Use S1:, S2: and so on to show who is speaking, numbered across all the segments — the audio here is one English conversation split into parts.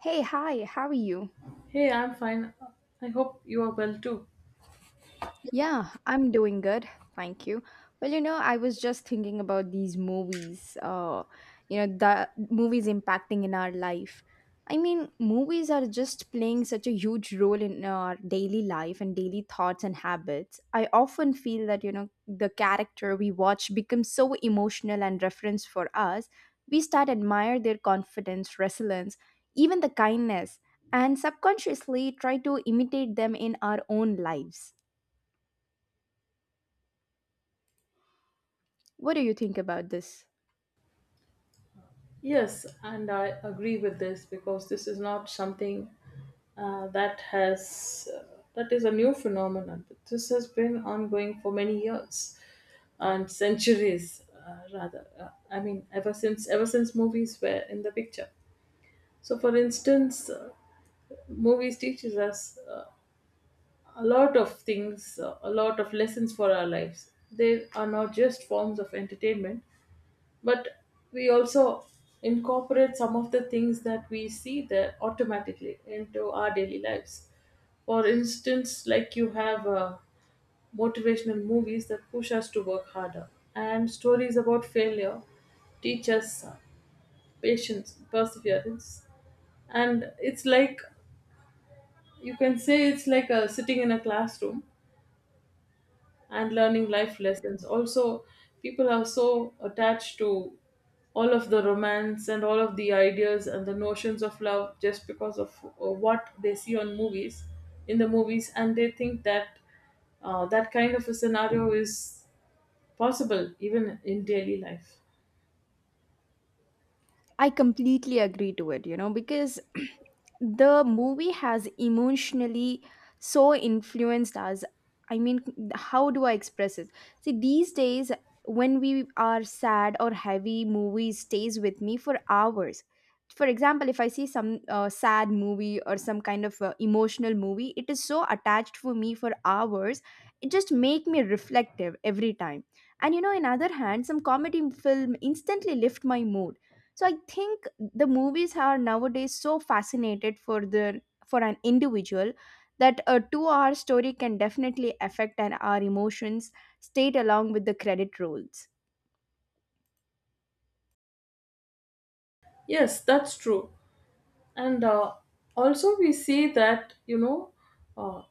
S1: Hey, hi, how are you?
S2: Hey, I'm fine. I hope you are well too.
S1: Yeah, I'm doing good. Thank you. Well, you know, I was just thinking about these movies, you know, the movies impacting in our life. I mean, movies are just playing such a huge role in our daily life and daily thoughts and habits. I often feel that, you know, the character we watch becomes so emotional and reference for us. We start admire their confidence, resilience, even the kindness, and subconsciously try to imitate them in our own lives. What do you think about this?
S2: Yes, and I agree with this because this is not something that has that is a new phenomenon. This has been ongoing for many years and centuries, rather. I mean, ever since movies were in the picture. So, for instance, movies teaches us a lot of things, a lot of lessons for our lives. They are not just forms of entertainment but we also incorporate some of the things that we see there automatically into our daily lives, for instance, like you have motivational movies that push us to work harder, and stories about failure teach us patience, perseverance. And it's like you can say it's like sitting in a classroom and learning life lessons. Also, people are so attached to all of the romance and all of the ideas and the notions of love just because of what they see on movies, in the movies, and they think that that kind of a scenario is possible even in daily life.
S1: I completely agree to it, you know, because the movie has emotionally so influenced us. I mean, how do I express it? See, these days when we are sad or heavy, movie stays with me for hours. For example, if I see some sad movie or some kind of emotional movie, it is so attached for me for hours. It just make me reflective every time. And you know, in other hand, some comedy film instantly lift my mood, so I think the movies are nowadays so fascinated for the for an individual that a 2-hour story can definitely affect an, our emotions state along with the credit rolls
S2: Yes, that's true. And also, we see that, you know, uh,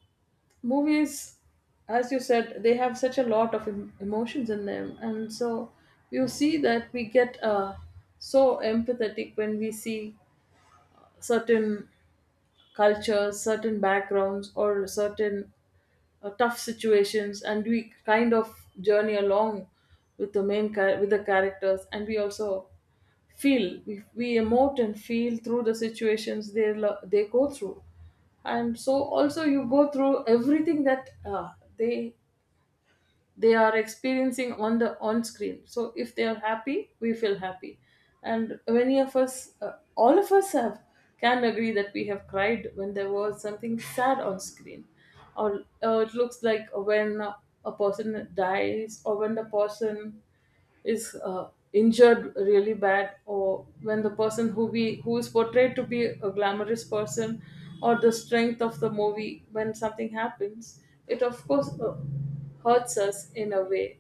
S2: movies, as you said, they have such a lot of emotions in them, and so you see that we get so empathetic when we see certain cultures, certain backgrounds, or certain tough situations, and we kind of journey along with the with the characters, and we also feel, we emote and feel through the situations they they go through. And so also you go through everything that they they are experiencing on the on screen. So if they are happy, we feel happy, and many of us, all of us have, can agree that we have cried when there was something sad on screen, or it looks like when a person dies, or when the person is injured really bad, or when the person who we, who is portrayed to be a glamorous person, or the strength of the movie, when something happens, it of course hurts us in a way.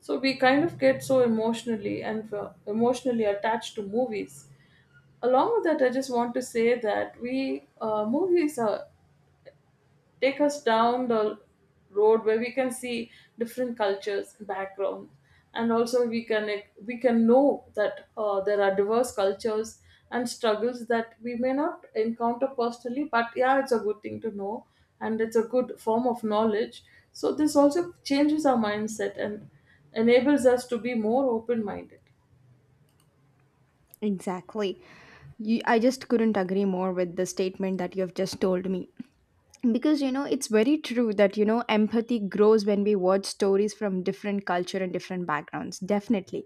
S2: So we kind of get so emotionally and emotionally attached to movies. Along with that, I just want to say that we, movies are, take us down the road where we can see different cultures, background, and also we can, we can know that there are diverse cultures and struggles that we may not encounter personally, but yeah, it's a good thing to know, and it's a good form of knowledge. So this also changes our mindset and enables us to be more open minded.
S1: exactly. You, I just couldn't agree more with the statement that you have just told me. Because, you know, it's very true that, you know, empathy grows when we watch stories from different culture and different backgrounds. Definitely.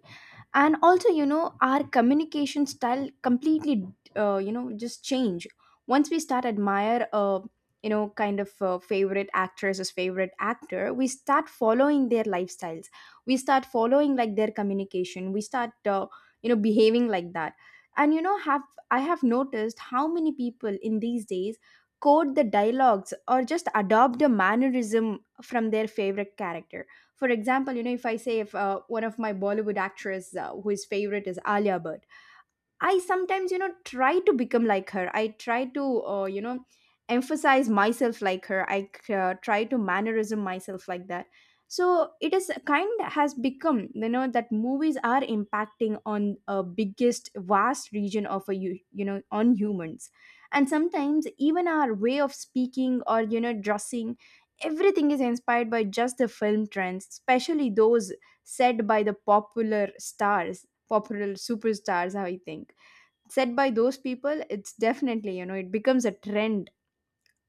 S1: And also, you know, our communication style completely you know just change once we start admire you know kind of favorite actress as favorite actor. We start following their lifestyles, we start following like their communication, we start you know behaving like that. And you know, have I have noticed how many people in these days code the dialogues or just adopt a mannerism from their favorite character. For example, you know, if I say if one of my Bollywood actress who is favorite is Alia Bhatt, I sometimes, you know, try to become like her. I try to, you know, emphasize myself like her. I try to mannerism myself like that. So it is kind has become, you know, that movies are impacting on a biggest vast region of a you, you know, on humans, and sometimes even our way of speaking or you know dressing, everything is inspired by just the film trends, especially those set by the popular stars, popular superstars. I think said by those people, it's definitely you know it becomes a trend.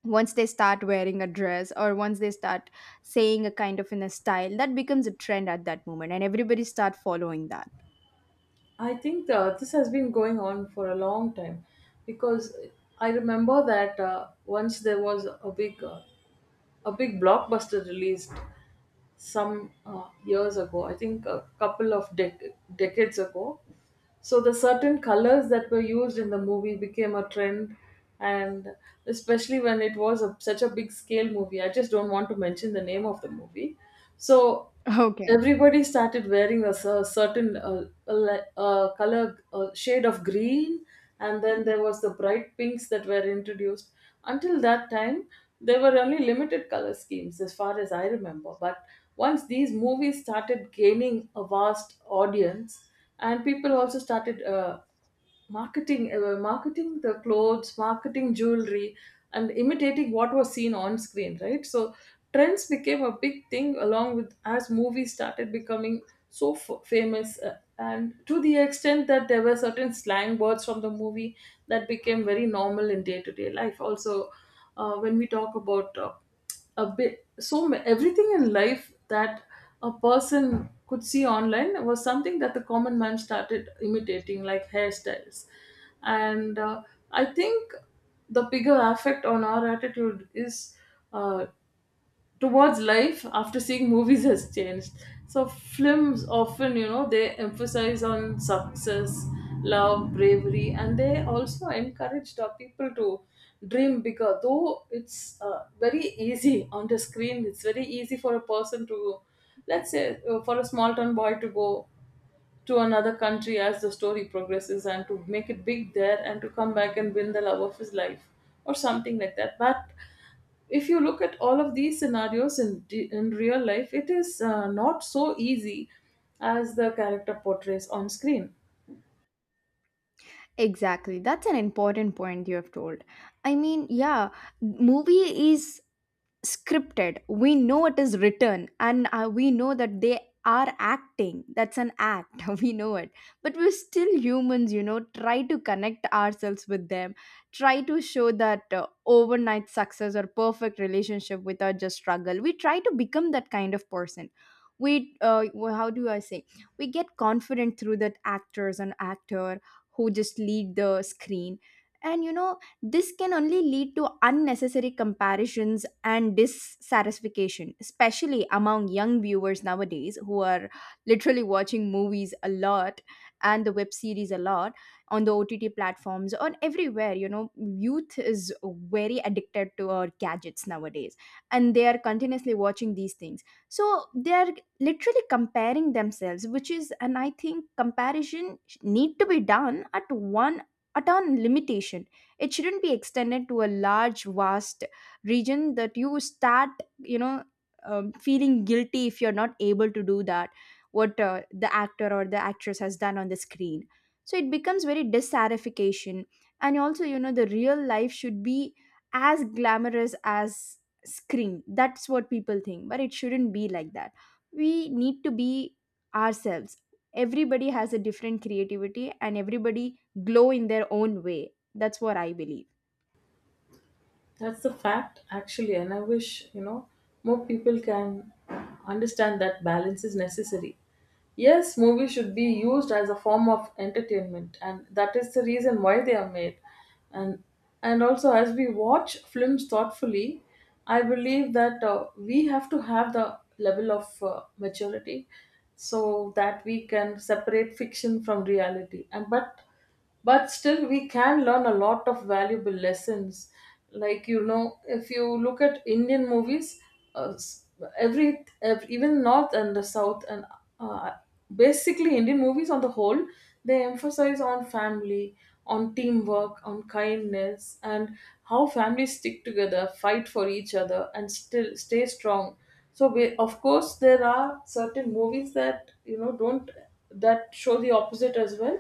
S1: Once they start wearing a dress or once they start saying a kind of in a style, that becomes a trend at that moment and everybody start following that.
S2: I think this has been going on for a long time because I remember that once there was a big blockbuster released some years ago, I think a couple of decades ago. So the certain colors that were used in the movie became a trend, and especially when it was a, such a big scale movie. I just don't want to mention the name of the movie. So
S1: Okay.
S2: everybody started wearing a, certain a, color shade of green, and then there was the bright pinks that were introduced. Until that time, there were only limited color schemes as far as I remember. But once these movies started gaining a vast audience, and people also started marketing, marketing the clothes, marketing jewelry, and imitating what was seen on screen, right? So trends became a big thing along with, as movies started becoming so famous, and to the extent that there were certain slang words from the movie that became very normal in day-to-day life. Also, when we talk about a bit, so everything in life that a person could see online was something that the common man started imitating, like hairstyles. And I think the bigger effect on our attitude is uh, towards life after seeing movies has changed. So films often, you know, they emphasize on success, love, bravery, and they also encourage our people to dream bigger. Though it's very easy on the screen, it's very easy for a person to, let's say, for a small town boy to go to another country as the story progresses and to make it big there and to come back and win the love of his life or something like that. But if you look at all of these scenarios in real life, it is not so easy as the character portrays on screen.
S1: Exactly. That's an important point you have told. I mean, yeah, movie is scripted. We know it is written and we know that they are acting. That's an act. We know it, but we're still humans, you know, try to connect ourselves with them, try to show that overnight success or perfect relationship without just struggle. We try to become that kind of person. We how do I say, we get confident through that actors and actor who just lead the screen. And you know, this can only lead to unnecessary comparisons and dissatisfaction, especially among young viewers nowadays who are literally watching movies a lot and the web series a lot on the OTT platforms or everywhere. You know, youth is very addicted to our gadgets nowadays and they are continuously watching these things. So they are literally comparing themselves, which is, and I think comparison need to be done at one at a limitation. It shouldn't be extended to a large vast region that you start, you know, feeling guilty if you're not able to do that what the actor or the actress has done on the screen. So it becomes very dissatisfaction. And also, you know, the real life should be as glamorous as screen, that's what people think, but it shouldn't be like that. We need to be ourselves. Everybody has a different creativity and everybody glow in their own way. That's what I believe.
S2: That's the fact, actually, and I wish, you know, more people can understand that balance is necessary. Yes, movies should be used as a form of entertainment, and that is the reason why they are made. And and also, as we watch films thoughtfully, I believe that we have to have the level of maturity so that we can separate fiction from reality. And but still we can learn a lot of valuable lessons. Like, you know, if you look at Indian movies, uh, s- every, even north and the south, and uh, basically Indian movies on the whole, they emphasize on family, on teamwork, on kindness, and how families stick together, fight for each other, and still stay strong. So we, of course, there are certain movies that, you know, don't, that show the opposite as well,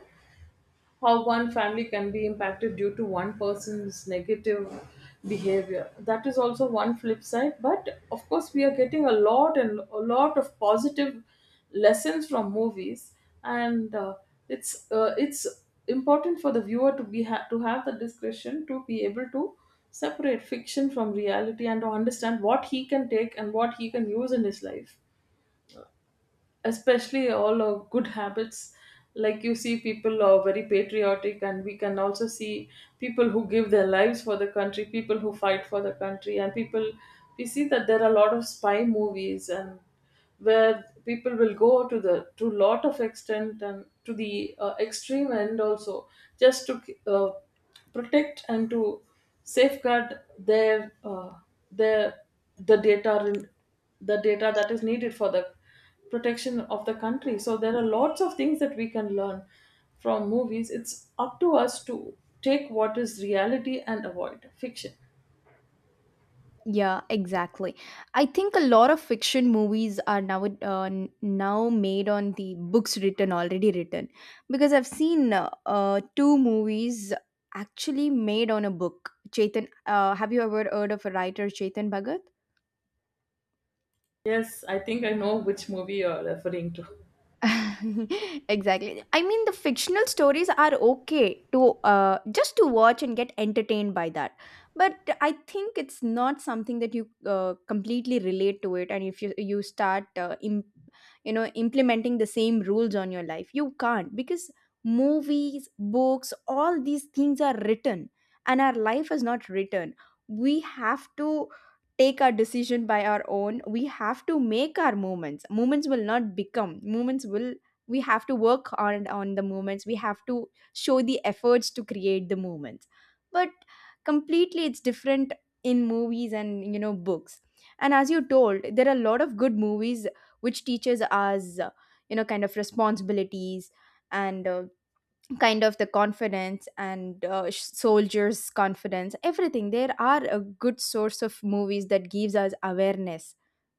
S2: how one family can be impacted due to one person's negative behavior. That is also one flip side. But of course, we are getting a lot and a lot of positive lessons from movies, and it's important for the viewer to be to have the discretion to be able to separate fiction from reality and to understand what he can take and what he can use in his life, especially all our good habits. Like, you see, people are very patriotic, and we can also see people who give their lives for the country, people who fight for the country, and people, we see that there are a lot of spy movies, and where people will go to the, to lot of extent and to the extreme end also, just to uh, protect and to safeguard their their, the data, the data that is needed for the protection of the country. So there are lots of things that we can learn from movies. It's up to us to take what is reality and avoid fiction.
S1: Yeah, exactly. I think a lot of fiction movies are now now made on the books written already written, because I've seen two movies actually made on a book. Chetan, have you ever heard of a writer Chetan Bhagat?
S2: Yes, I think I know which movie you're referring to.
S1: Exactly. I mean, the fictional stories are okay to just to watch and get entertained by that. But I think it's not something that you completely relate to it. And if you start, you know, implementing the same rules on your life, you can't, because movies, books, all these things are written, and our life is not written. We have to take our decision by our own. We have to make our moments. Moments will not become moments will, we have to work on the moments. We have to show the efforts to create the moments. But completely it's different in movies and you know books. And as you told, there are a lot of good movies which teaches us you know kind of responsibilities and kind of the confidence and soldiers confidence, everything. There are a good source of movies that gives us awareness,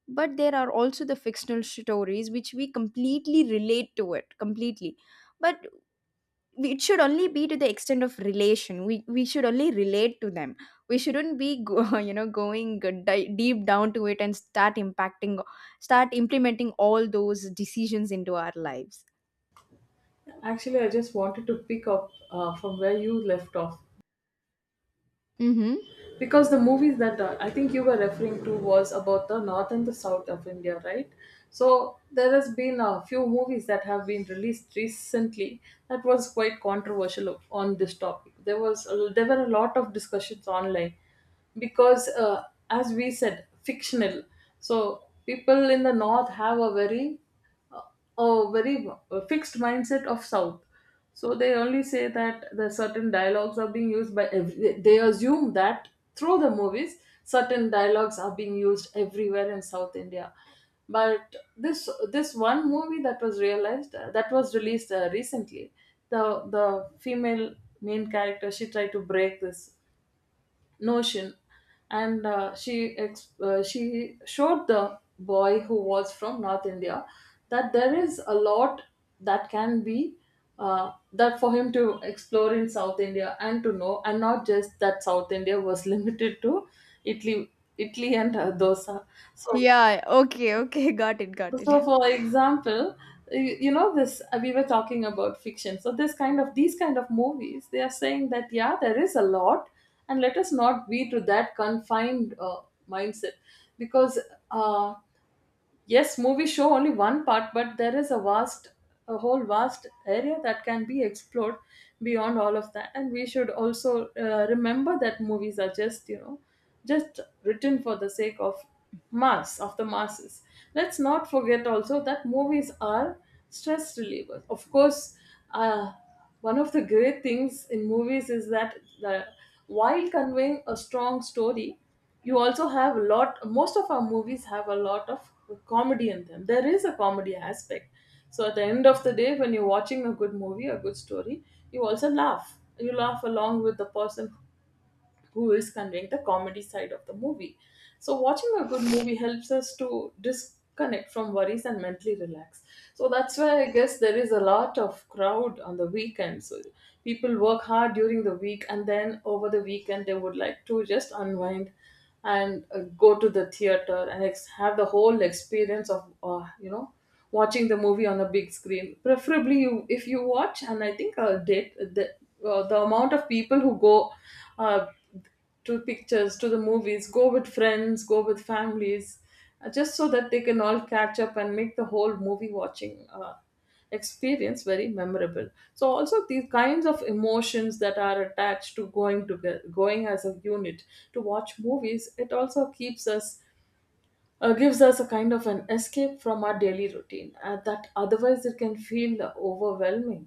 S1: but there are also the fictional stories which we completely relate to it completely. But it should only be to the extent of relation. We should only relate to them. We shouldn't be go, you know, going deep down to it and start impacting, start implementing all those decisions into our lives.
S2: Actually, I just wanted to pick up from where you left off,
S1: Mhm.
S2: because the movies that I think you were referring to was about the north and the south of India, right? So there has been a few movies that have been released recently that was quite controversial on this topic. There was, there were a lot of discussions online because as we said, fictional. So people in the north have a very, a very fixed mindset of south, so they only say that the certain dialogues are being used by every, they assume that through the movies certain dialogues are being used everywhere in south India. But this one movie that was realized that was released recently, the the female main character, she tried to break this notion, and she she showed the boy who was from north India that there is a lot that can be that, for him to explore in south India, and to know, and not just that south India was limited to italy, italy, and dosa. So,
S1: Yeah. Okay, okay. Got it, got it.
S2: so, for example, you know this we were talking about fiction. So this kind of, these kind of movies, they are saying that yeah, there is a lot, and let us not be to that confined mindset, because uh, yes, movies show only one part, but there is a vast, a whole vast area that can be explored beyond all of that. And we should also remember that movies are just, you know, just written for the sake of mass, of the masses. Let's not forget also that movies are stress relievers, of course. uh, One of the great things in movies is that the, while conveying a strong story, you also have a lot, most of our movies have a lot of comedy in them, there is a comedy aspect. So at the end of the day, when you're watching a good movie, a good story, you also laugh, you laugh along with the person who is conveying the comedy side of the movie. So, watching a good movie helps us to disconnect from worries and mentally relax. So, that's why I guess there is a lot of crowd on the weekend. So, people work hard during the week and then over the weekend they would like to just unwind and go to the theater and have the whole experience of watching the movie on a big screen preferably you if you watch. And I think the amount of people who go uh, to pictures, to the movies, go with friends, go with families, just so that they can all catch up and make the whole movie watching experience very memorable. So also these kinds of emotions that are attached to going together, going as a unit to watch movies, it also keeps us gives us a kind of an escape from our daily routine, that otherwise it can feel overwhelming.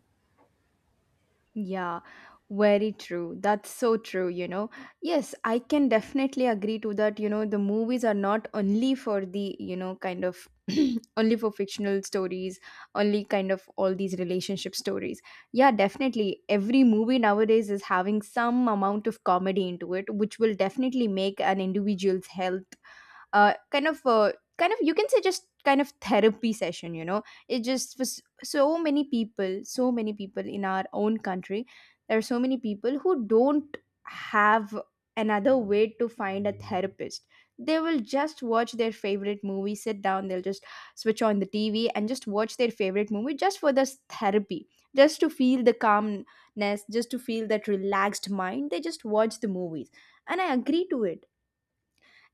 S1: Yeah, very true. That's so true, you know. Yes, I can definitely agree to that. You know, the movies are not only for the, you know, kind of only for fictional stories, only kind of all these relationship stories. Yeah, definitely. Every movie nowadays is having some amount of comedy into it, which will definitely make an individual's health uh, kind of uh, kind of you can say just kind of therapy session, you know. It just was so many people, so many people in our own country, there are so many people who don't have another way to find a therapist. They will just watch their favorite movie, sit down, they'll just switch on the TV and just watch their favorite movie just for this therapy, just to feel the calmness, just to feel that relaxed mind, they just watch the movies. And I agree to it.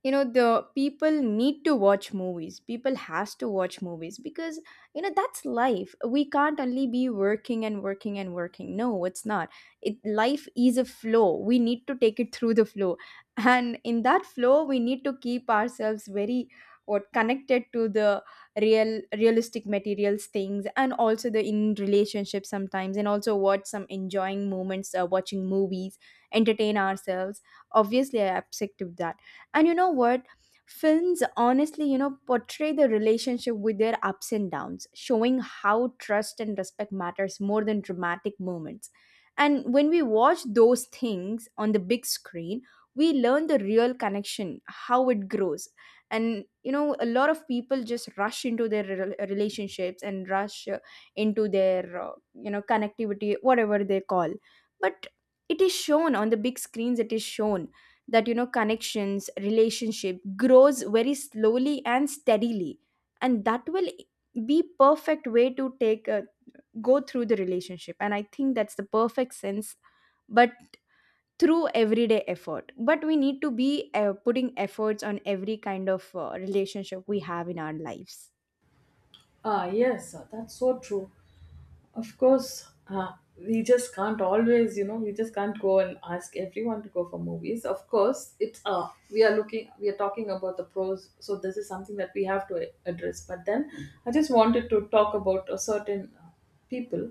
S1: You know, the people need to watch movies, people has to watch movies, because you know that's life. We can't only be working and working and working. No, it's not, it life is a flow. We need to take it through the flow. And in that flow, we need to keep ourselves very what connected to the real realistic materials things and also the in relationship sometimes and also watch some enjoying moments watching movies, entertain ourselves. Obviously, I accept that. And you know what? Films honestly, you know, portray the relationship with their ups and downs, showing how trust and respect matters more than dramatic moments. And when we watch those things on the big screen, we learn the real connection, how it grows. And you know, a lot of people just rush into their relationships and rush into their, you know, connectivity, whatever they call. But it is shown on the big screens, it is shown that you know connections relationship grows very slowly and steadily, and that will be perfect way to take a, go through the relationship. And I think that's the perfect sense, but through everyday effort. But we need to be putting efforts on every kind of relationship we have in our lives.
S2: Ah, yes, that's so true. Of course, we just can't always, you know, we just can't go and ask everyone to go for movies. Of course, it's we are looking, we are talking about the pros, so this is something that we have to address. But then, I just wanted to talk about a certain people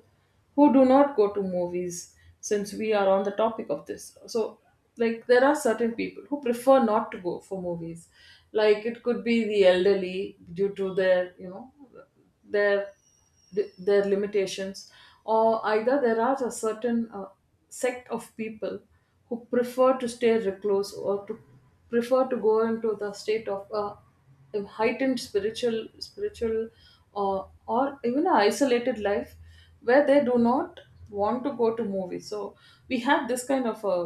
S2: who do not go to movies, since we are on the topic of this. So, like, there are certain people who prefer not to go for movies. Like, it could be the elderly due to their, you know, their their limitations, or either there are a certain sect of people who prefer to stay recluse, or to prefer to go into the state of a heightened spiritual or even an isolated life where they do not want to go to movies. So we have this kind of a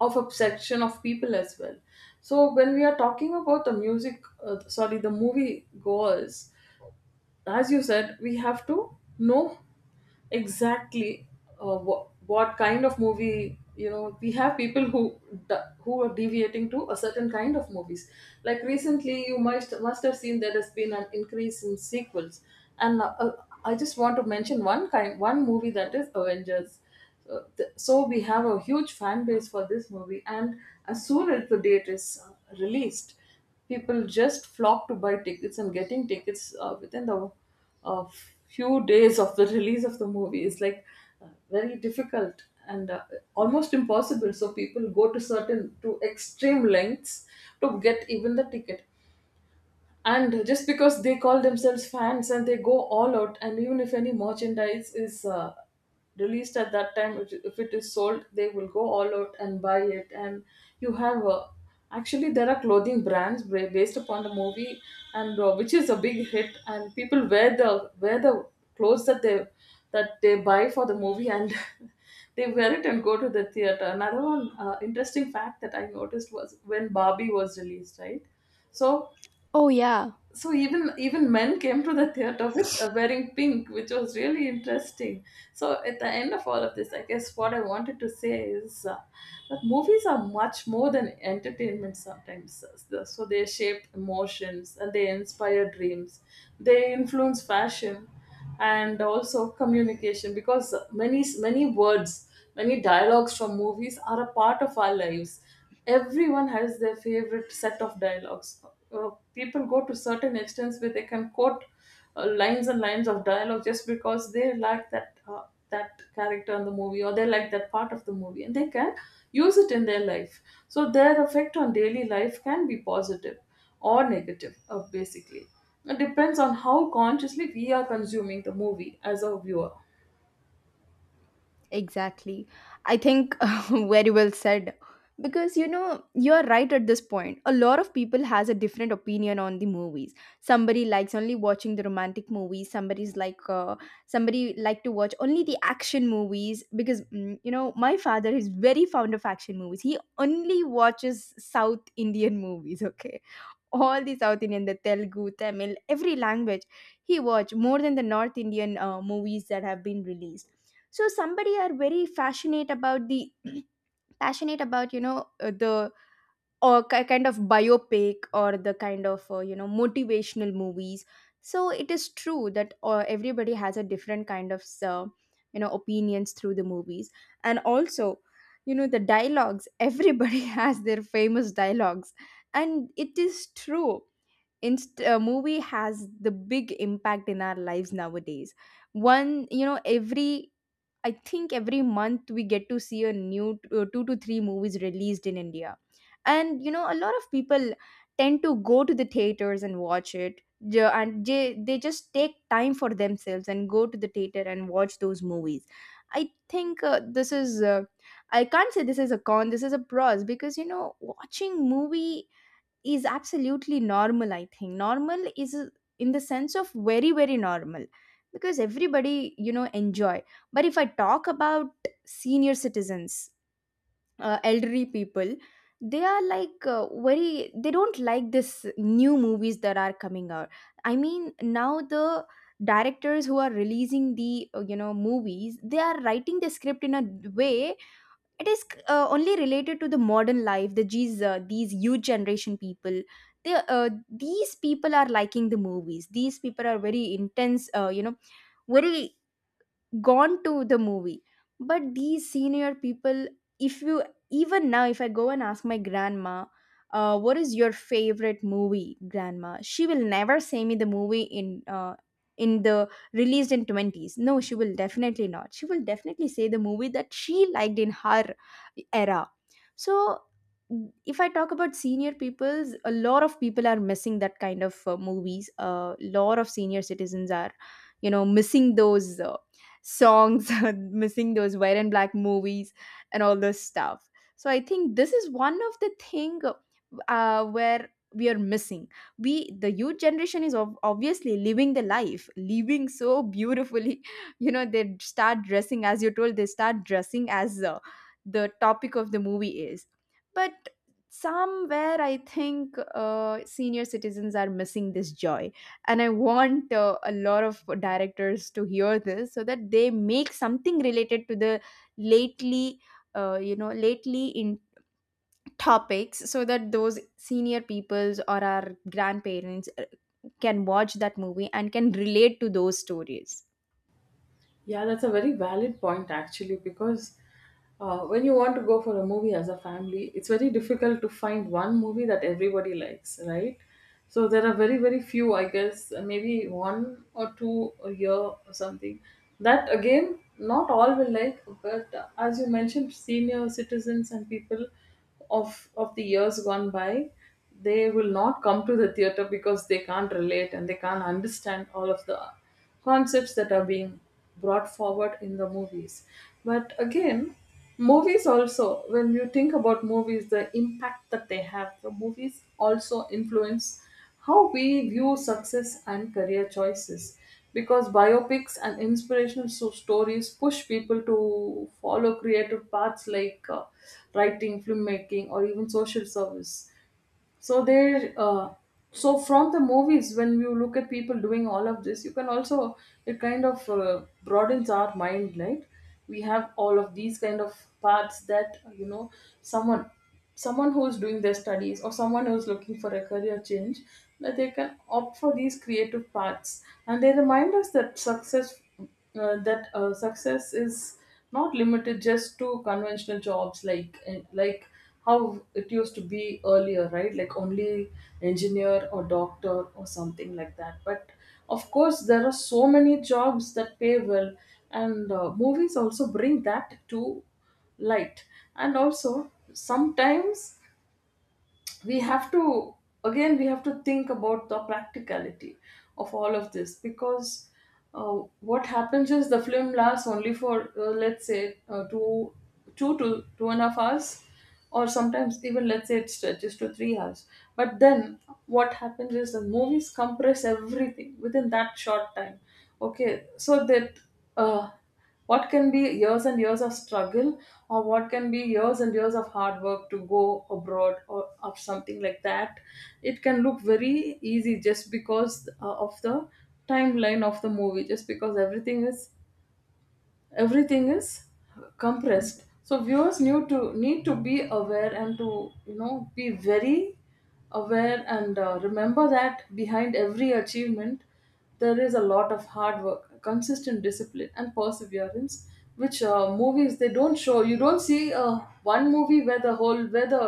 S2: section of people as well. So when we are talking about the music, sorry, the movie goers, as you said, we have to know exactly what kind of movie, you know. We have people who who are deviating to a certain kind of movies. Like recently, you must have seen there has been an increase in sequels, and I just want to mention one kind, one movie, that is Avengers. So so we have a huge fan base for this movie, and as soon as the date is released, people just flock to buy tickets, and getting tickets within the a few days of the release of the movie is like very difficult and almost impossible. So people go to certain, to extreme lengths to get even the ticket, and just because they call themselves fans, and they go all out, and even if any merchandise is released at that time which, if it is sold, they will go all out and buy it. And you have actually, there are clothing brands based upon the movie, and which is a big hit, and people wear the clothes that they buy for the movie, and they wear it and go to the theater. Another one interesting fact that I noticed was when Barbie was released, right? So
S1: Oh, yeah.
S2: so even even men came to the theater with wearing pink, which was really interesting. So at the end of all of this, I guess what I wanted to say is, that movies are much more than entertainment sometimes. So so they shape emotions, and they inspire dreams, they influence fashion and also communication, because many many words, many dialogues from movies are a part of our lives. Everyone has their favorite set of dialogues. Uh, People go to certain extents where they can quote lines and lines of dialogue just because they like that that character in the movie, or they like that part of the movie, and they can use it in their life. So their effect on daily life can be positive or negative, basically. It depends on how consciously we are consuming the movie as a viewer.
S1: Exactly. I think very well said. Because you know, you're right at this point. A lot of people has a different opinion on the movies. Somebody likes only watching the romantic movies. Somebody's like, somebody like to watch only the action movies because mm, you know my father is very fond of action movies. He only watches South Indian movies. Okay, all the South Indian, the Telugu, Tamil, every language. He watched more than the North Indian movies that have been released. So somebody are very passionate about the passionate about you know the or kind of biopic or the kind of you know motivational movies. So it is true that everybody has a different kind of you know opinions through the movies, and also you know the dialogues. Everybody has their famous dialogues, and it is true movie has the big impact in our lives nowadays. One you know every I think every month we get to see a new two to three movies released in India. And you know, a lot of people tend to go to the theaters and watch it. And they just take time for themselves and go to the theater and watch those movies. I think this is, I can't say this is a con, this is a pros, because you know watching movie is absolutely normal. I think normal is, in the sense of very normal, because everybody, you know, enjoy. But if I talk about senior citizens, elderly people, they are like very, they don't like this new movies that are coming out. I mean, now the directors who are releasing the movies, they are writing the script in a way it is only related to the modern life. These these youth generation people, they these people are liking the movies. These people are very intense, very gone to the movie. But these senior people, if you, even now if I go and ask my grandma, what is your favorite movie, grandma, she will never say me the movie in the released in 20s. No, she will definitely not. She will definitely say the movie that she liked in her era. So if I talk about senior peoples, a lot of people are missing that kind of movies. A lot of senior citizens are, you know, missing those songs, missing those white and black movies and all this stuff. So I think this is one of the thing where we are missing. We the youth generation is obviously living the life, living so beautifully. You know, they start dressing as you told, they start dressing as the topic of the movie is. But somewhere I think senior citizens are missing this joy, and I want a lot of directors to hear this so that they make something related to the lately, lately in topics, so that those senior peoples or our grandparents can watch that movie and can relate to those stories.
S2: Yeah, that's a very valid point actually, because when you want to go for a movie as a family, it's very difficult to find one movie that everybody likes, right? So there are very, very few, I guess, maybe one or two a year or something. That again, not all will like, but as you mentioned, senior citizens and people of the years gone by, they will not come to the theater because they can't relate and they can't understand all of the concepts that are being brought forward in the movies. But again, movies also, when you think about movies, the impact that they have, the movies also influence how we view success and career choices. Because biopics and inspirational stories push people to follow creative paths like writing, filmmaking, or even social service. So there so from the movies, when you look at people doing all of this, you can also, it kind of broadens our mind, right? We have all of these kind of paths that, you know, someone someone who's doing their studies, or someone who's looking for a career change, that they can opt for these creative paths, and they remind us that success, that success is not limited just to conventional jobs like like how it used to be earlier, right? Like only engineer or doctor or something like that, but of course there are so many jobs that pay well, and movies also bring that to light. And also sometimes we have to, again, we have to think about the practicality of all of this. Because what happens is the film lasts only for, let's say, 2 to 2.5 hours, or sometimes even, let's say, it stretches to 3 hours. But then what happens is the movies compress everything within that short time. Okay, so that uh, what can be years and years of struggle, or what can be years and years of hard work to go abroad or of something like that, it can look very easy just because of the timeline of the movie, just because everything is compressed. So viewers need to be aware, and to, you know, be very aware, and remember that behind every achievement there is a lot of hard work, consistent discipline, and perseverance, which movies they don't show. You don't see one movie where the whole, where the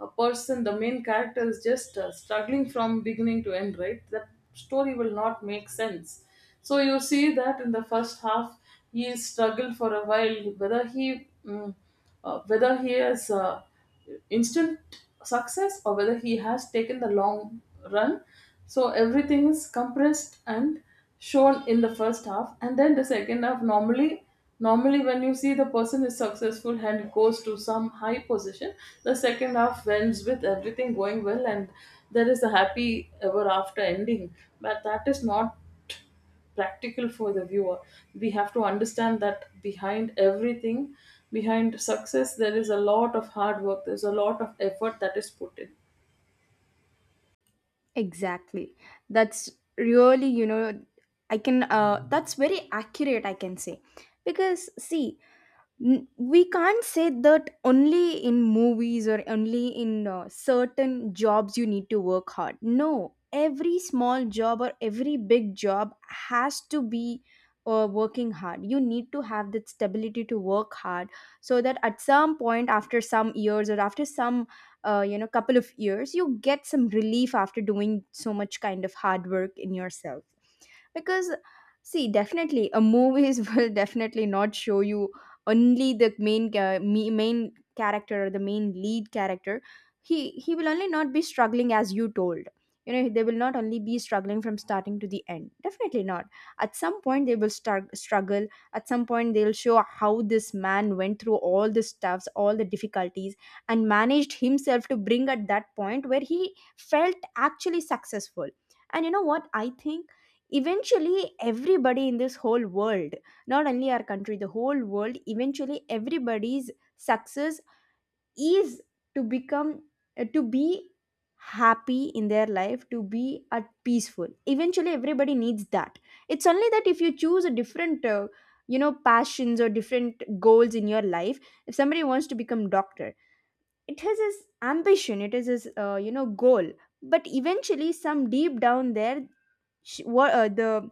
S2: a person, the main character, is just struggling from beginning to end, right? That story will not make sense. So you see that in the first half he struggled for a while, whether he whether he has instant success, or whether he has taken the long run. So everything is compressed and shown in the first half, and then the second half, normally normally when you see, the person is successful and goes to some high position. The second half ends with everything going well, and there is a happy ever after ending. But that is not practical for the viewer. We have to understand that behind everything, behind success, there is a lot of hard work, there's a lot of effort that is put in.
S1: Exactly. That's really, you know, I can, that's very accurate, I can say. Because, see, we can't say that only in movies or only in certain jobs you need to work hard. No, every small job or every big job has to be working hard. You need to have that stability to work hard, so that at some point, after some years or after some, couple of years, you get some relief after doing so much kind of hard work in yourself. Because see, definitely a movies will definitely not show you only the main main character or the main lead character. He will only not be struggling. As you told, you know, they will not only be struggling from starting to the end. Definitely not. At some point they will start struggle, at some point they'll show how this man went through all the stuffs, all the difficulties, and managed himself to bring at that point where he felt actually successful. And you know what I think? Eventually, everybody in this whole world, not only our country, the whole world, eventually everybody's success is to become, to be happy in their life, to be at peaceful. Eventually, everybody needs that. It's only that if you choose a different, you know, passions or different goals in your life, if somebody wants to become doctor, it is his ambition, it is his, you know, goal. But eventually, some deep down there, she, what, the,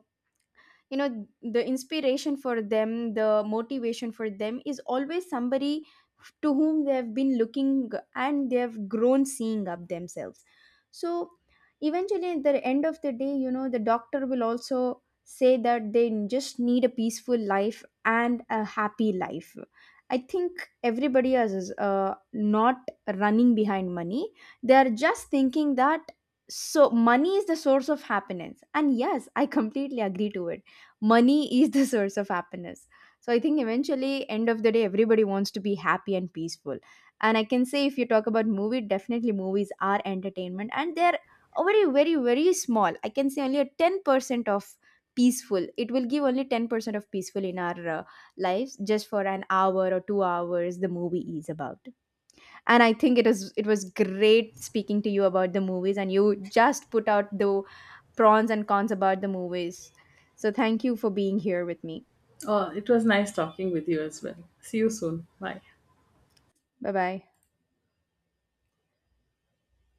S1: you know, the inspiration for them, the motivation for them is always somebody to whom they have been looking and they have grown seeing up themselves. So eventually, at the end of the day, you know, the doctor will also say that they just need a peaceful life and a happy life. I think everybody else is not running behind money. They are just thinking that so money is the source of happiness, and yes, I completely agree to it. Money is the source of happiness. So I think eventually, end of the day, everybody wants to be happy and peaceful. And I can say, if you talk about movie, definitely movies are entertainment, and they're a very small, I can say only a 10% of peaceful, it will give only 10% of peaceful in our lives just for an hour or 2 hours the movie is about. And I think it is, it was great speaking to you about the movies, and you just put out the pros and cons about the movies. So thank you for being here with me.
S2: Oh, it was nice talking with you as well. See you soon. Bye.
S1: Bye bye.